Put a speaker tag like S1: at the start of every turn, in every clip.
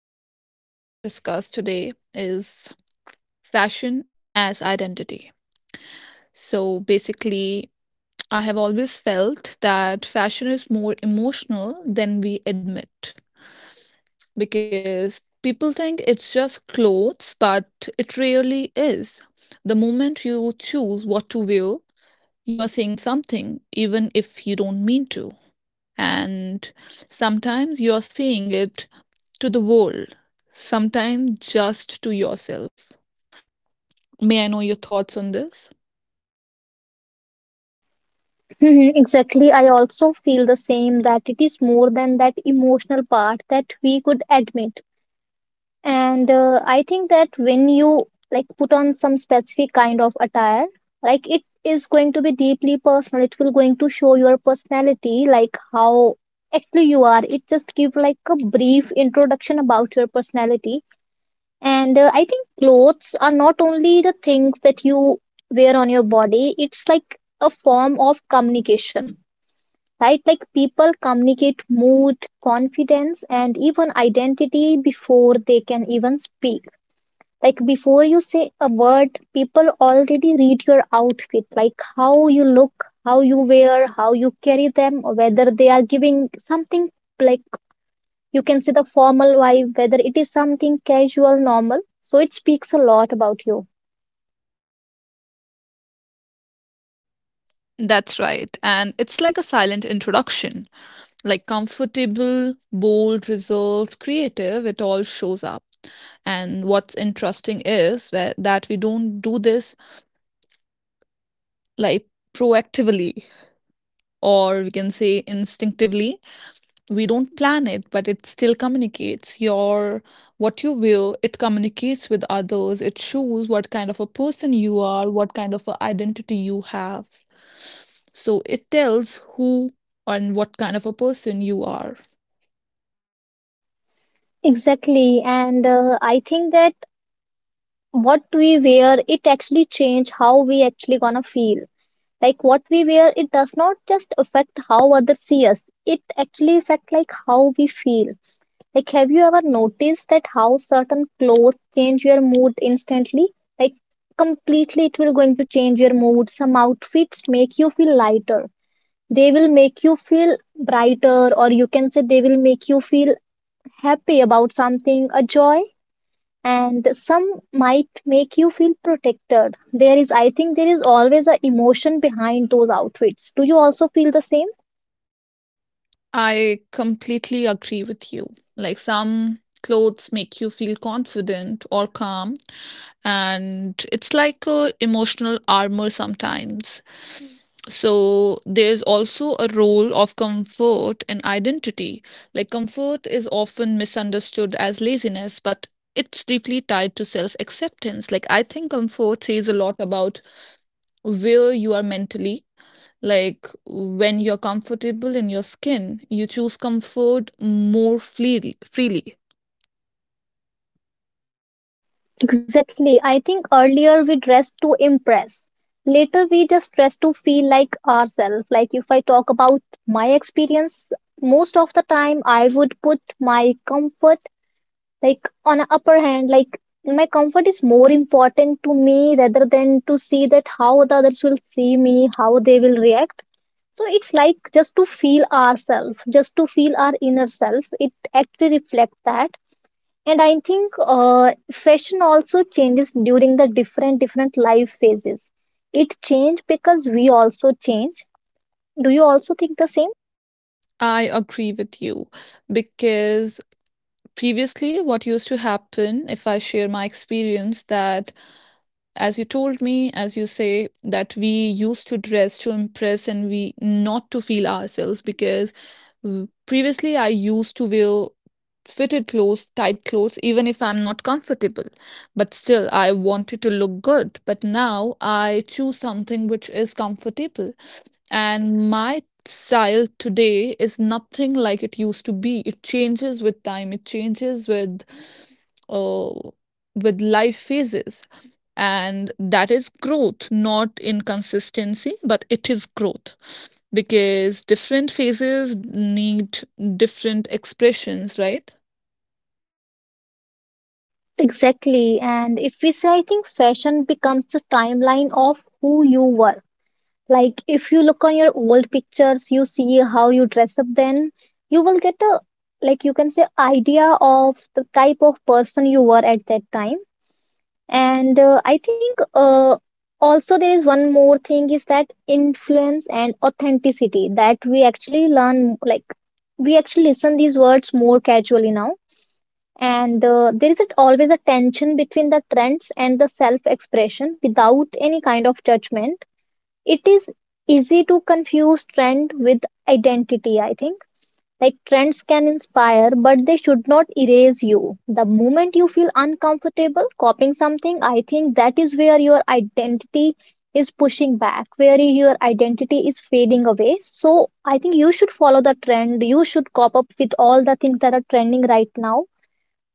S1: Hello. So, the topic we're going to discuss today is fashion as identity. So, basically, I have always felt that fashion is more emotional than we admit because people think it's just clothes, but it really is. The moment you choose what to wear, you are saying something, even if you don't mean to. And sometimes you're saying it to the world, sometimes just to yourself. May I know your thoughts on this?
S2: Mhm. Exactly. I also feel the same that it is more than that emotional part that we could admit. And I think that when you like put on some specific kind of attire, like it is going to be deeply personal. It will going to show your personality, like how actually you are. It just give like a brief introduction about your personality. And I think clothes are not only the things that you wear on your body. It's like a form of communication, right? Like people communicate mood, confidence, and even identity before they can even speak. Like before you say a word, people already read your outfit, like how you look, how you wear, how you carry them, or whether they are giving something like you can see the formal vibe, whether it is something casual, normal. So it speaks a lot about you.
S1: That's right. And it's like a silent introduction, like comfortable, bold, reserved, creative, it all shows up. And what's interesting is that we don't do this like proactively, or we can say instinctively. We don't plan it, but it still communicates your, what you will, it communicates with others, it shows what kind of a person you are, what kind of a identity you have. So it tells who and what kind of a person you are.
S2: Exactly. And I think that what we wear, it actually change how we actually gonna feel. Like what we wear, it does not just affect how others see us, it actually affects like how we feel. Like, have you ever noticed that how certain clothes change your mood instantly? Like, completely, it will going to change your mood. Some outfits make you feel lighter, they will make you feel brighter, or you can say they will make you feel happy about something, a joy. And some might make you feel protected. There is, I think, there is always a emotion behind those outfits. Do you also feel the same?
S1: I completely agree with you. Like some clothes make you feel confident or calm, and it's like a emotional armor sometimes. So there's also a role of comfort in identity. Like comfort is often misunderstood as laziness, but it's deeply tied to self acceptance. Like I think comfort says a lot about where you are mentally, like when you're comfortable in your skin, you choose comfort more freely.
S2: Exactly. I think earlier we dressed to impress, later we just dress to feel like ourselves. Like, if I talk about my experience, most of the time I would put my comfort like on a upper hand. Like, my comfort is more important to me rather than to see that how the others will see me, how they will react. So it's like just to feel ourselves, just to feel our inner self. It actually reflects that. And I think fashion also changes during the different different life phases. It change because we also change. Do you also think the same?
S1: I agree with you because previously, what used to happen, if I share my experience, that as you told me, as you say, that we used to dress to impress and we not to feel ourselves because previously I used to wear fitted clothes, tight clothes, even if I'm not comfortable. But still, I wanted to look good. But now I choose something which is comfortable. And my style today is nothing like it used to be. It changes with time, it changes uh, with life phases. And that is growth, not inconsistency, but it is growth because different phases need different expressions, right?
S2: Exactly. And if we say, I think fashion becomes a timeline of who you were. Like, if you look on your old pictures, you see how you dress up then. You will get a like you can say idea of the type of person you were at that time. And I think also there is one more thing, is that influence and authenticity that we actually learn, like we actually listen these words more casually now. And there is always a tension between the trends and the self expression without any kind of judgment. It is easy to confuse trend with identity, I think. Like, trends can inspire but they should not erase you. The moment you feel uncomfortable copying something, I think that is where your identity is pushing back, where your identity is fading away. So I think you should follow the trend, you should cop up with all the things that are trending right now.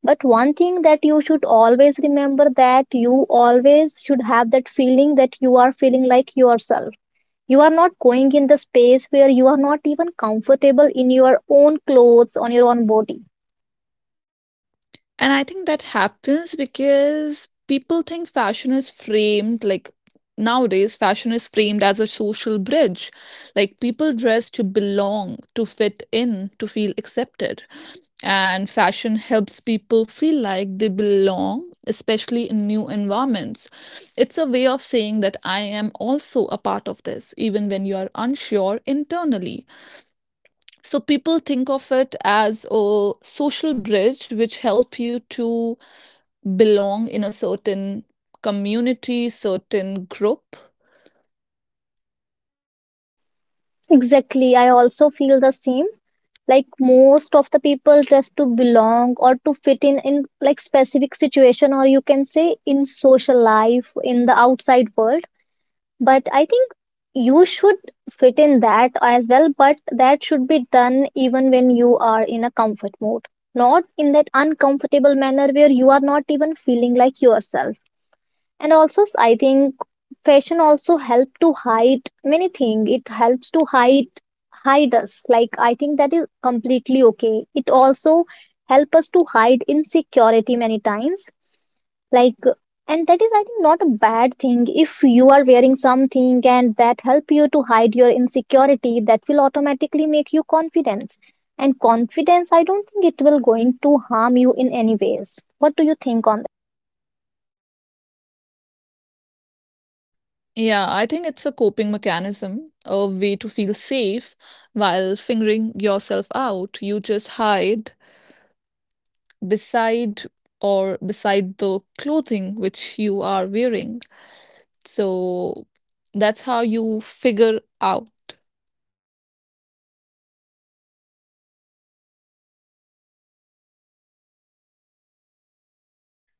S2: But one thing that you should always remember, that you always should have that feeling that you are feeling like yourself. You are not going in the space where you are not even comfortable in your own clothes, on your own body.
S1: And I think that happens because people think fashion is framed like nowadays, fashion is framed as a social bridge. Like people dress to belong, to fit in, to feel accepted. And fashion helps people feel like they belong, especially in new environments. It's a way of saying that I am also a part of this, even when you are unsure internally. So people think of it as a social bridge which help you to belong in a certain community, certain group.
S2: Exactly. I also feel the same. Like most of the people dress to belong or to fit in like specific situation or you can say in social life, in the outside world. But I think you should fit in that as well, but that should be done even when you are in a comfort mode. Not in that uncomfortable manner where you are not even feeling like yourself. And also I think fashion also help to hide many things. It helps to hide us. Like, I think that is completely okay. It also help us to hide insecurity many times. Like and that is, I think, not a bad thing. If you are wearing something and that help you to hide your insecurity, that will automatically make you confidence. And confidence, I don't think it will going to harm you in any ways. What do you think on?
S1: Yeah, I think it's a coping mechanism, a way to feel safe while figuring yourself out. You just hide beside, or beside the clothing which you are wearing. So that's how you figure out.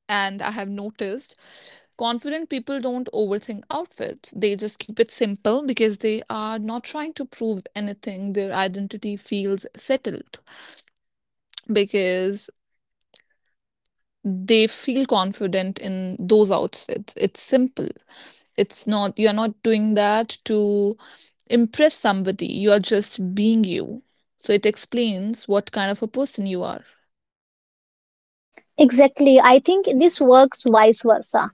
S1: And I have noticed confident people don't overthink outfits. They just keep it simple because they are not trying to prove anything. Their identity feels settled because they feel confident in those outfits. It's simple. It's not, you're not doing that to impress somebody. You are just being you. So it explains what kind of a person you are.
S2: Exactly. I think this works vice versa.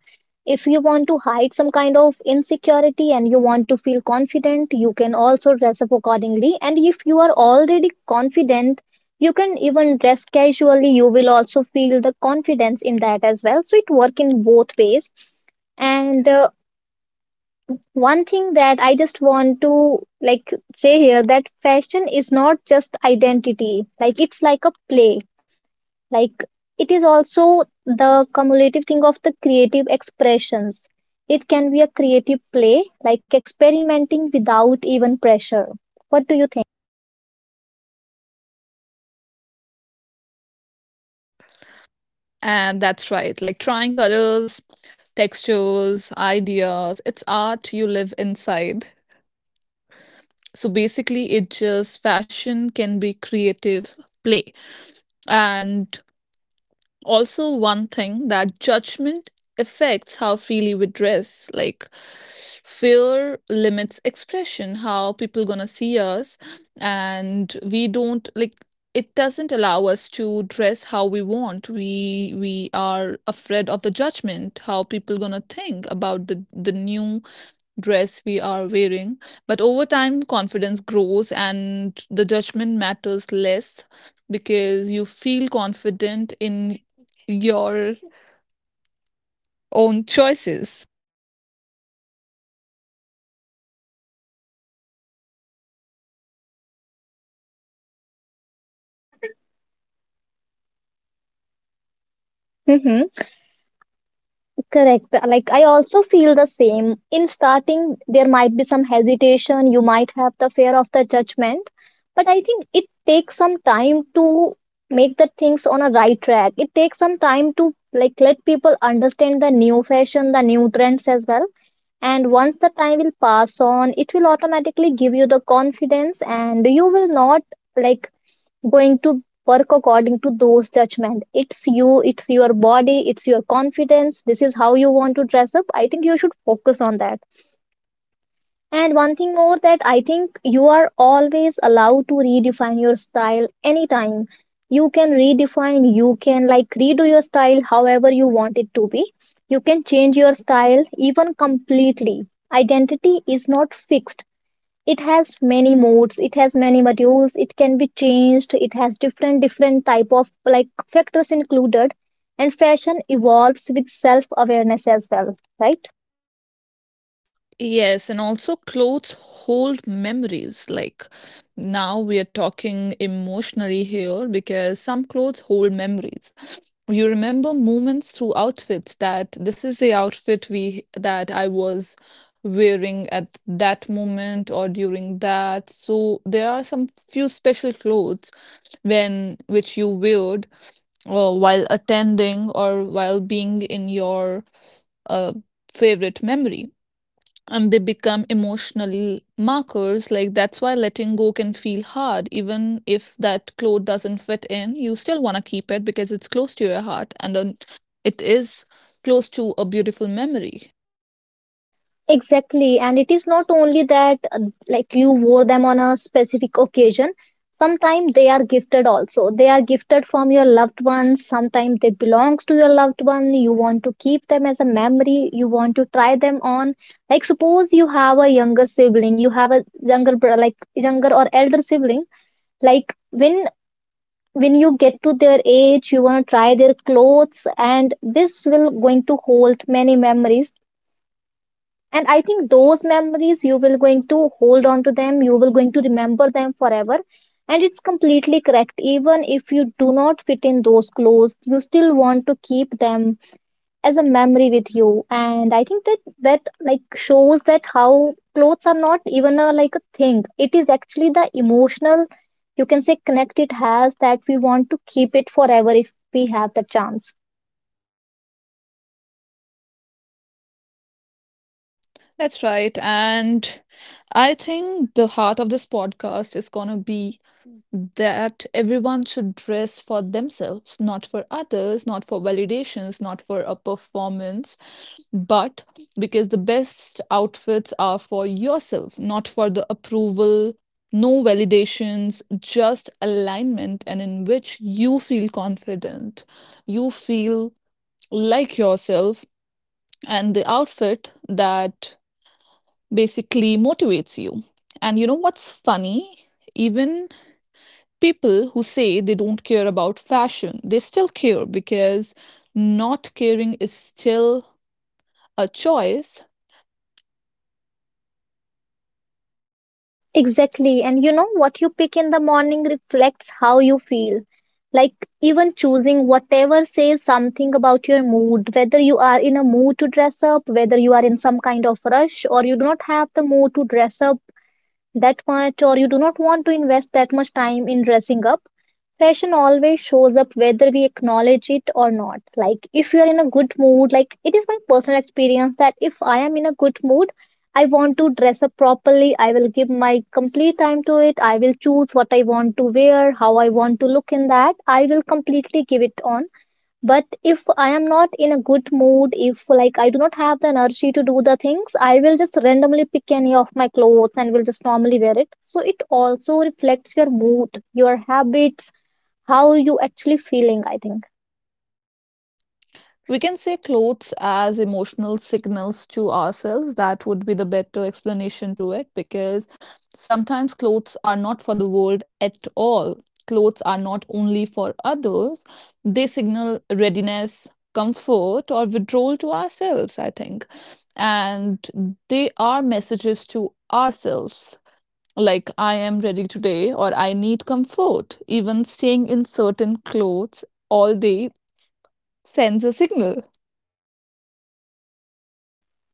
S2: If you want to hide some kind of insecurity and you want to feel confident, you can also dress up accordingly. And if you are already confident, you can even dress casually. You will also feel the confidence in that as well. So it work in both ways. And one thing that I just want to like say here that fashion is not just identity. Like, it's like a play. Like, it is also the cumulative thing of the creative expressions. It can be a creative play, like experimenting without even pressure. What do you think?
S1: And that's right. Like trying colors, textures, ideas. It's art you live inside. So basically, it just fashion can be creative play. And also one thing that judgment affects how freely we dress, like fear limits expression, how people gonna see us, and we don't like, it doesn't allow us to dress how we want. We are afraid of the judgment, how people gonna think about the new dress we are wearing. But over time, confidence grows and the judgment matters less because you feel confident in your own choices.
S2: Mm-hmm. Correct. Like, I also feel the same. In starting, there might be some hesitation, you might have the fear of the judgment. But I think it takes some time to make the things on a right track. It takes some time to like let people understand the new fashion, the new trends as well. And once the time will pass on, it will automatically give you the confidence, and you will not like going to work according to those judgment. It's you, it's your body, it's your confidence. This is how you want to dress up, I think you should focus on that. And one thing more, that I think you are always allowed to redefine your style anytime. You can redefine, you can like redo your style however you want it to be. You can change your style even completely. Identity is not fixed. It has many modes, it has many modules, it can be changed, it has different different type of like factors included. And fashion evolves with self awareness as well, right?
S1: Yes, and also clothes hold memories. Like now we are talking emotionally here because some clothes hold memories. You remember moments through outfits, that this is the outfit we, that I was wearing at that moment or during that. So there are some few special clothes when which you wear while attending or while being in your uh, favorite memory, and they become emotional markers. Like that's why letting go can feel hard, even if that cloth doesn't fit in, you still want to keep it because it's close to your heart, and it is close to a beautiful memory.
S2: Exactly, and it is not only that like you wore them on a specific occasion. Sometimes they are gifted also. They are gifted from your loved ones. Sometimes they belongs to your loved one. You want to keep them as a memory. You want to try them on. Like suppose you have a younger sibling, you have a younger brother, like younger or elder sibling. Like when you get to their age, you want to try their clothes, and this will going to hold many memories. And I think those memories you will going to hold on to them, you will going to remember them forever. And it's completely correct, even if you do not fit in those clothes you still want to keep them as a memory with you. And I think that that like shows that how clothes are not even a like a thing. It is actually the emotional, you can say, connect it has that we want to keep it forever if we have the chance.
S1: That's right, and I think the heart of this podcast is going to be that everyone should dress for themselves, not for others, not for validations, not for a performance, but because the best outfits are for yourself, not for the approval, no validations, just alignment, and in which you feel confident, you feel like yourself, and the outfit that basically motivates you. And you know what's funny? Even people who say they don't care about fashion, they still care because not caring is still a choice.
S2: Exactly. And you know what you pick in the morning reflects how you feel. Like, even choosing whatever says something about your mood, whether you are in a mood to dress up, whether you are in some kind of rush, or you do not have the mood to dress up that much, or you do not want to invest that much time in dressing up. Fashion always shows up whether we acknowledge it or not. Like, if you are in a good mood, like, it is my personal experience that if I am in a good mood, I want to dress up properly. I will give my complete time to it. I will choose what I want to wear, how I want to look in that. I will completely give it on. But if I am not in a good mood, if like I do not have the energy to do the things, I will just randomly pick any of my clothes and will just normally wear it. So it also reflects your mood, your habits, how you actually feeling, I think.
S1: We can say clothes as emotional signals to ourselves. That would be the better explanation to it because sometimes clothes are not for the world at all. Clothes are not only for others, they signal readiness, comfort, or withdrawal to ourselves, I think. And they are messages to ourselves. Like, I am ready today, or I need comfort. Even staying in certain clothes all day sends a signal.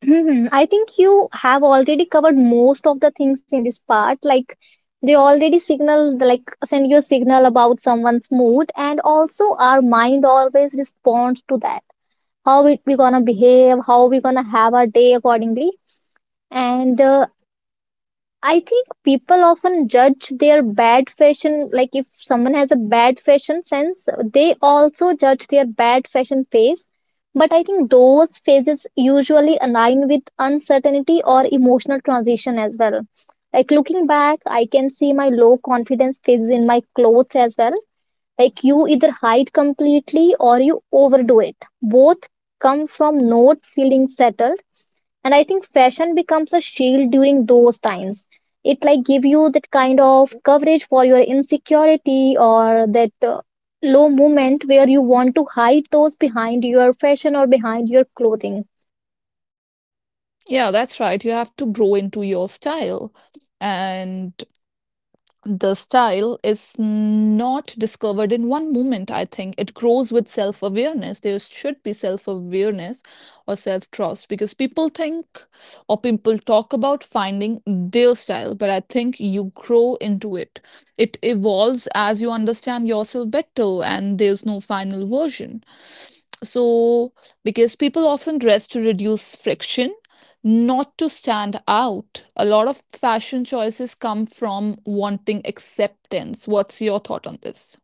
S2: Mhm. I think you have already covered most of the things in this part. Like, they already signal, like send you a signal about someone's mood, and also our mind always responds to that, how we gonna behave, how we gonna have our day accordingly. And I think people often judge their bad fashion, like if someone has a bad fashion sense, they also judge their bad fashion phase. But I think those phases usually align with uncertainty or emotional transition as well. Like looking back, I can see my low confidence phases in my clothes as well. Like you either hide completely or you overdo it. Both come from not feeling settled, and I think fashion becomes a shield during those times. It like give you that kind of coverage for your insecurity or that low moment where you want to hide those behind your fashion or behind your clothing.
S1: Yeah, that's right. You have to grow into your style. And the style is not discovered in one moment, I think. It grows with self awareness. There should be self awareness or self trust because people think, or people talk about finding their style, but I think you grow into it. It evolves as you understand yourself better, and there's no final version. So, because people often dress to reduce friction, not to stand out. A lot of fashion choices come from wanting acceptance. What's your thought on this?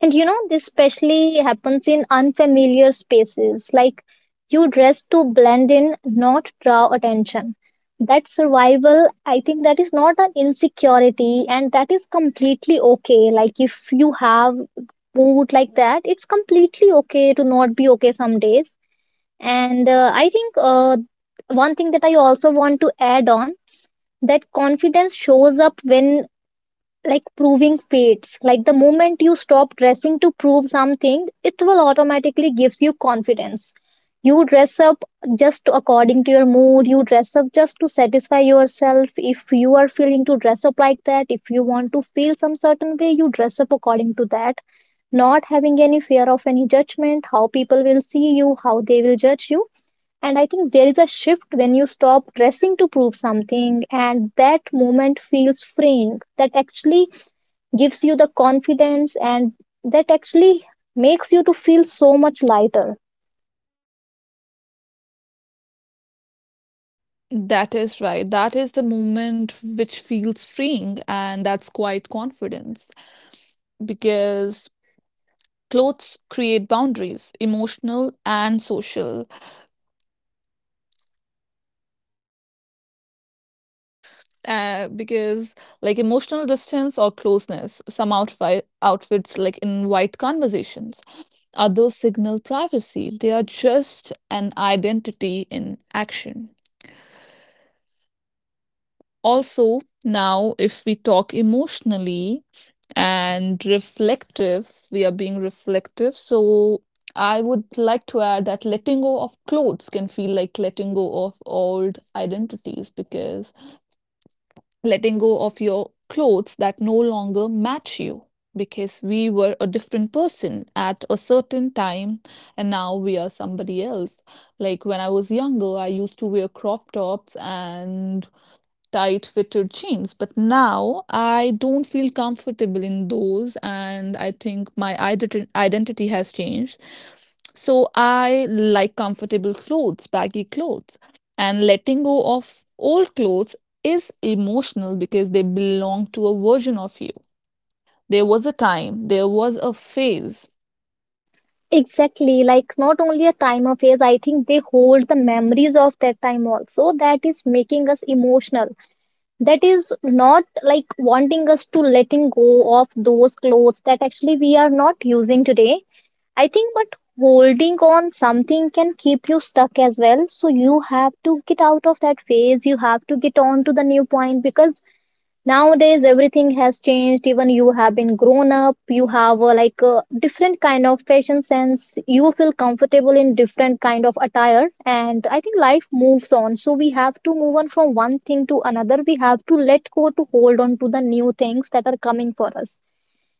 S2: And you know, this especially happens in unfamiliar spaces, like you dress to blend in, not draw attention. That survival, I think that is not an insecurity, and that is completely okay. Like, if you have mood like that, it's completely okay to not be okay some days. And I think one thing that I also want to add on, that confidence shows up when, like proving fates, like the moment you stop dressing to prove something, it will automatically gives you confidence. You dress up just according to your mood, you dress up just to satisfy yourself. If you are feeling to dress up like that, if you want to feel some certain way, you dress up according to that, not having any fear of any judgment, how people will see you, how they will judge you. And I think there is a shift when you stop dressing to prove something, and that moment feels freeing. That actually gives you the confidence, and that actually makes you to feel so much lighter.
S1: That is right. That is the moment which feels freeing, and that's quite confidence because clothes create boundaries, emotional and social. Because like emotional distance or closeness, some outfits like invite conversations, others signal privacy. They are just an identity in action. Also, now if we talk emotionally, and reflective, we are being reflective, so I would like to add that letting go of clothes can feel like letting go of old identities, because letting go of your clothes that no longer match you, because we were a different person at a certain time and now we are somebody else. Like when I was younger, I used to wear crop tops and tight fitted jeans, but now I don't feel comfortable in those, and I think my identity has changed. So I like comfortable clothes, baggy clothes, and letting go of old clothes is emotional because they belong to a version of you. There was a time, there was a phase.
S2: Exactly, like not only a time of age, I think they hold the memories of that time also, that is making us emotional. That is not like wanting us to letting go of those clothes that actually we are not using today, I think. But holding on something can keep you stuck as well, so you have to get out of that phase, you have to get on to the new point. Because nowadays, everything has changed. Even you have been grown up, you have like a different kind of fashion sense. You feel comfortable in different kind of attire, and I think life moves on. So we have to move on from one thing to another. We have to let go to hold on to the new things that are coming for us.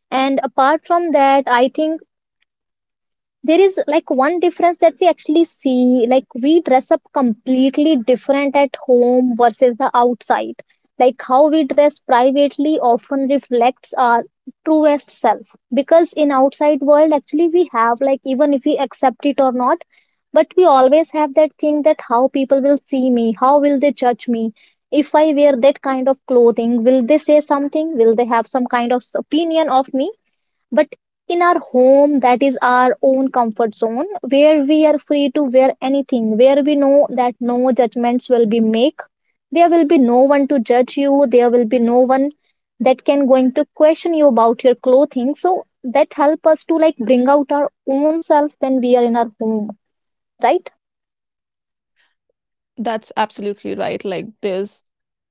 S2: And apart from that, I think there is like one difference that we actually see, like we dress up completely different at home versus the outside. Like how we dress privately often reflects our truest self, because in outside world actually we have, like even if we accept it or not, but we always have that thing that how people will see me, how will they judge me. If I wear that kind of clothing, will they say something, will they have some kind of opinion of me. But in our home, that is our own comfort zone, where we are free to wear anything, where we know that no judgments will be make. There will be no one to judge you, there will be no one that can going to question you about your clothing. So that help us to like bring out our own self when we are in our home, right?
S1: That's absolutely right. Like, there's,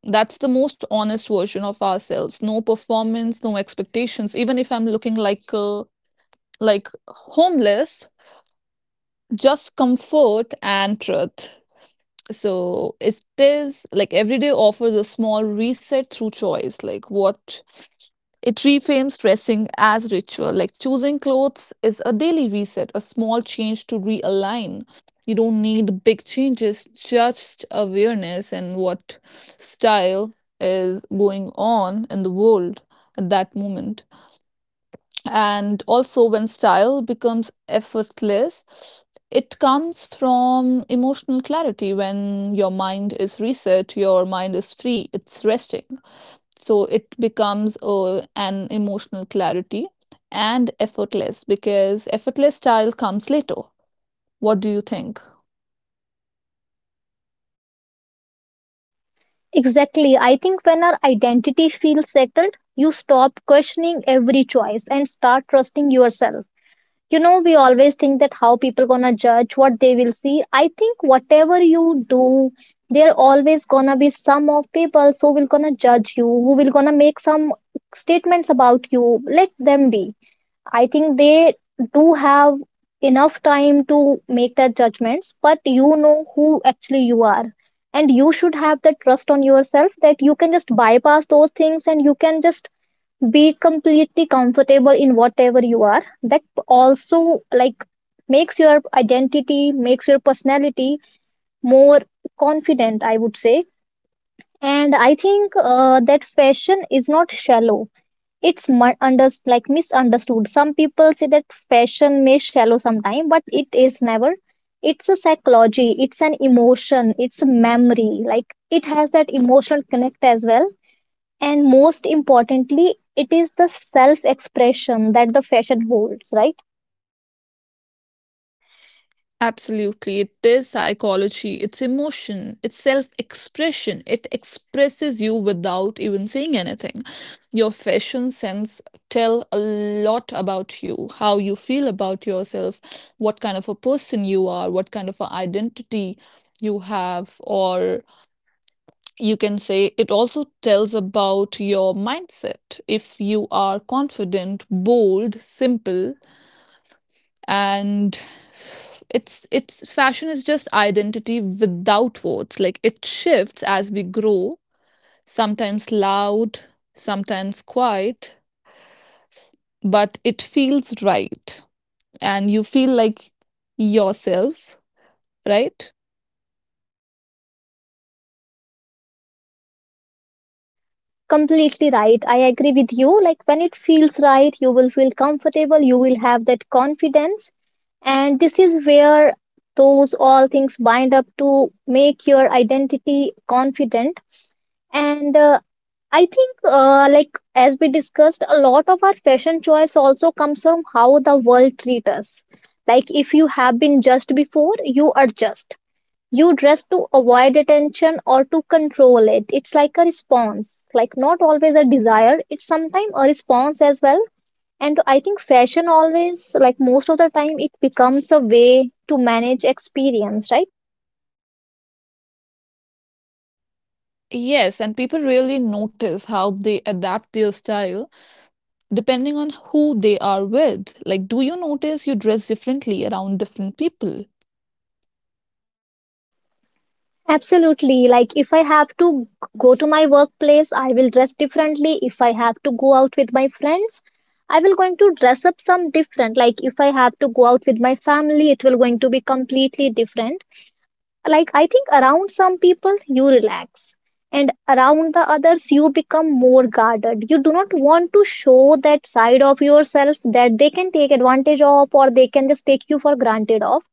S1: that's the most honest version of ourselves. No performance, no expectations. Even if I'm looking like a like homeless, just comfort and truth. So it is like every day offers a small reset through choice, like what, it reframes dressing as ritual. Like choosing clothes is a daily reset, a small change to realign. You don't need big changes, just awareness and what style is going on in the world at that moment. And also, when style becomes effortless, it comes from emotional clarity. When your mind is reset, your mind is free, it's resting. So it becomes an emotional clarity and effortless, because effortless style comes later. What do you think?
S2: Exactly, I think when our identity feels settled, you stop questioning every choice and start trusting yourself. You know, we always think that how people gonna judge, what they will see. I think whatever you do, there always gonna be some of people who will gonna judge you, who will gonna make some statements about you. Let them be. I think they do have enough time to make their judgments, but you know who actually you are, and you should have that trust on yourself that you can just bypass those things, and you can just be completely comfortable in whatever you are. That also like makes your identity, makes your personality more confident, I would say. And I think that fashion is not shallow. It's mu- under like misunderstood. Some people say that fashion may shallow sometime, but it is never. It's a psychology, it's an emotion, it's a memory, like it has that emotional connect as well. And most importantly, it is the self expression that the fashion holds, right?
S1: Absolutely. It is psychology, it's emotion, it's self expression. It expresses you without even saying anything. Your fashion sense tell a lot about you, how you feel about yourself, what kind of a person you are, what kind of an identity you have, or you can say it also tells about your mindset. If you are confident, bold, simple, and it's fashion is just identity without words, like it shifts as we grow, sometimes loud, sometimes quiet, but it feels right, and you feel like yourself, right?
S2: Completely right, I agree with you. Like when it feels right, you will feel comfortable, you will have that confidence. And this is where those all things bind up to make your identity confident. And I think like as we discussed, a lot of our fashion choice also comes from how the world treats us. Like if you have been judged before, you adjust. You dress to avoid attention or to control it. It's like a response, like not always a desire. It's sometimes a response as well. And I think fashion always, like most of the time, it becomes a way to manage experience, right?
S1: Yes, and people really notice how they adapt their style depending on who they are with. Like, do you notice you dress differently around different people?
S2: Absolutely. Like if I have to go to my workplace, I will dress differently. If I have to go out with my friends, I will going to dress up some different. Like if I have to go out with my family, it will going to be completely different. Like, I think around some people, you relax, and around the others, you become more guarded. You do not want to show that side of yourself that they can take advantage of or they can just take you for granted of.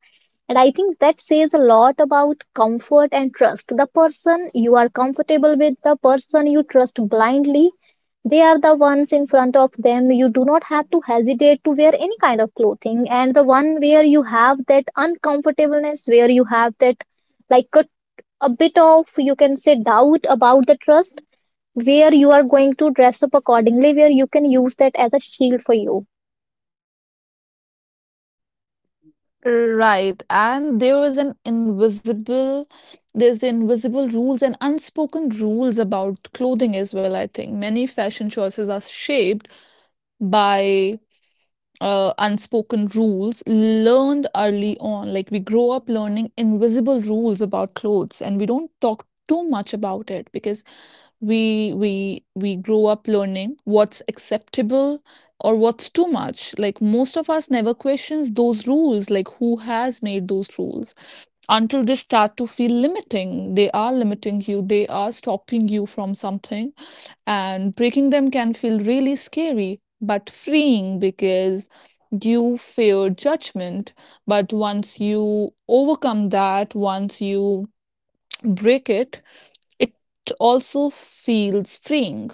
S2: And I think that says a lot about comfort and trust. The person you are comfortable with, the person you trust blindly, they are the ones in front of them. You do not have to hesitate to wear any kind of clothing. And the one where you have that uncomfortableness, where you have that like a bit of, you can say, doubt about the trust, where you are going to dress up accordingly, where you can use that as a shield for you.
S1: Right. And there is an invisible, there's the invisible rules and unspoken rules about clothing as well, I think. Many fashion choices are shaped by unspoken rules learned early on. Like we grow up learning invisible rules about clothes, and we don't talk too much about it because we grow up learning what's acceptable or what's too much. Like most of us never questions those rules, like who has made those rules, until they start to feel limiting, they are limiting you, they are stopping you from something, and breaking them can feel really scary but freeing because you fear judgment. But once you overcome that, once you break it, it also feels freeing.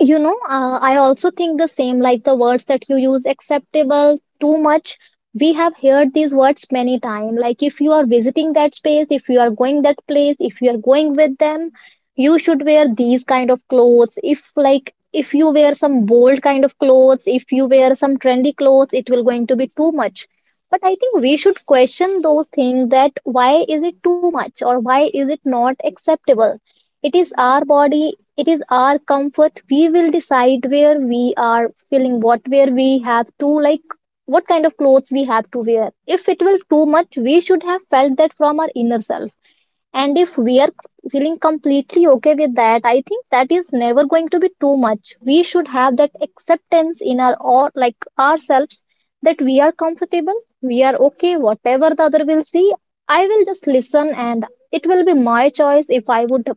S2: I also think the same, like the words that you use, acceptable, too much. We have heard these words many times. Like if you are visiting that space, if you are going that place, if you are going with them, you should wear these kind of clothes. If like if you wear some bold kind of clothes, if you wear some trendy clothes, it will going to be too much. But I think we should question those things, that why is it too much or why is it not acceptable? It is our body, it is our comfort. We will decide where we are feeling, what where we have to like what kind of clothes we have to wear. If it will too much, we should have felt that from our inner self. And if we are feeling completely okay with that, I think that is never going to be too much. We should have that acceptance in our or like ourselves, that we are comfortable, we are okay. Whatever the other will see, I will just listen, and it will be my choice if I would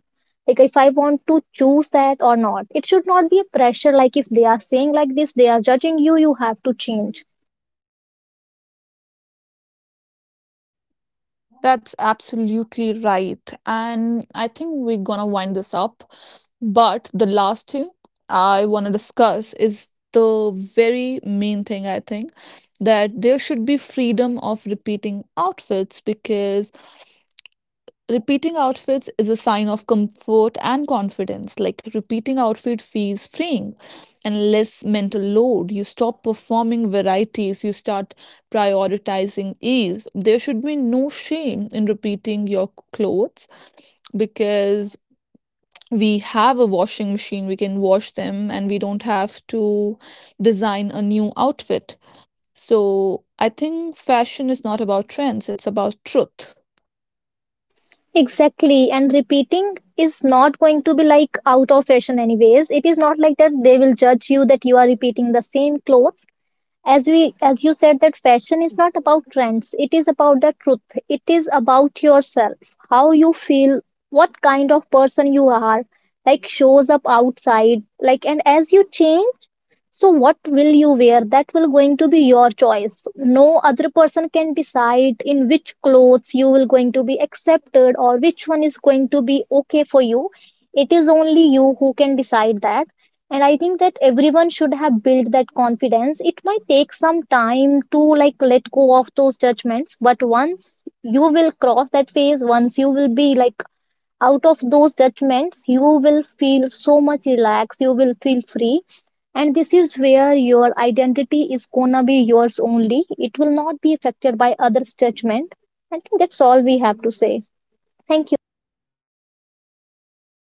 S2: like, if I want to choose that or not. It should not be a pressure, like if they are saying like this, they are judging you, you have to change.
S1: That's absolutely right, and I think we're gonna wind this up, but the last thing I want to discuss is the very main thing, I think, that there should be freedom of repeating outfits because repeating outfits is a sign of comfort and confidence. Like repeating outfit feels freeing and less mental load. You stop performing varieties, you start prioritizing ease. There should be no shame in repeating your clothes because we have a washing machine, we can wash them, and we don't have to design a new outfit. So I think fashion is not about trends, it's about truth.
S2: Exactly, and repeating is not going to be like out of fashion anyways. It is not like that they will judge you that you are repeating the same clothes. As we, as you said, that fashion is not about trends. It is about the truth. It is about yourself. How you feel, what kind of person you are, like shows up outside. Like and as you change, so what will you wear, that will going to be your choice. No other person can decide in which clothes you will going to be accepted, or which one is going to be okay for you. It is only you who can decide that. And I think that everyone should have built that confidence. It might take some time to like let go of those judgments, but once you will cross that phase, once you will be like out of those judgments, you will feel so much relaxed, you will feel free. And this is where your identity is gonna be yours only, it will not be affected by others judgment. I think that's all we have to say. Thank you.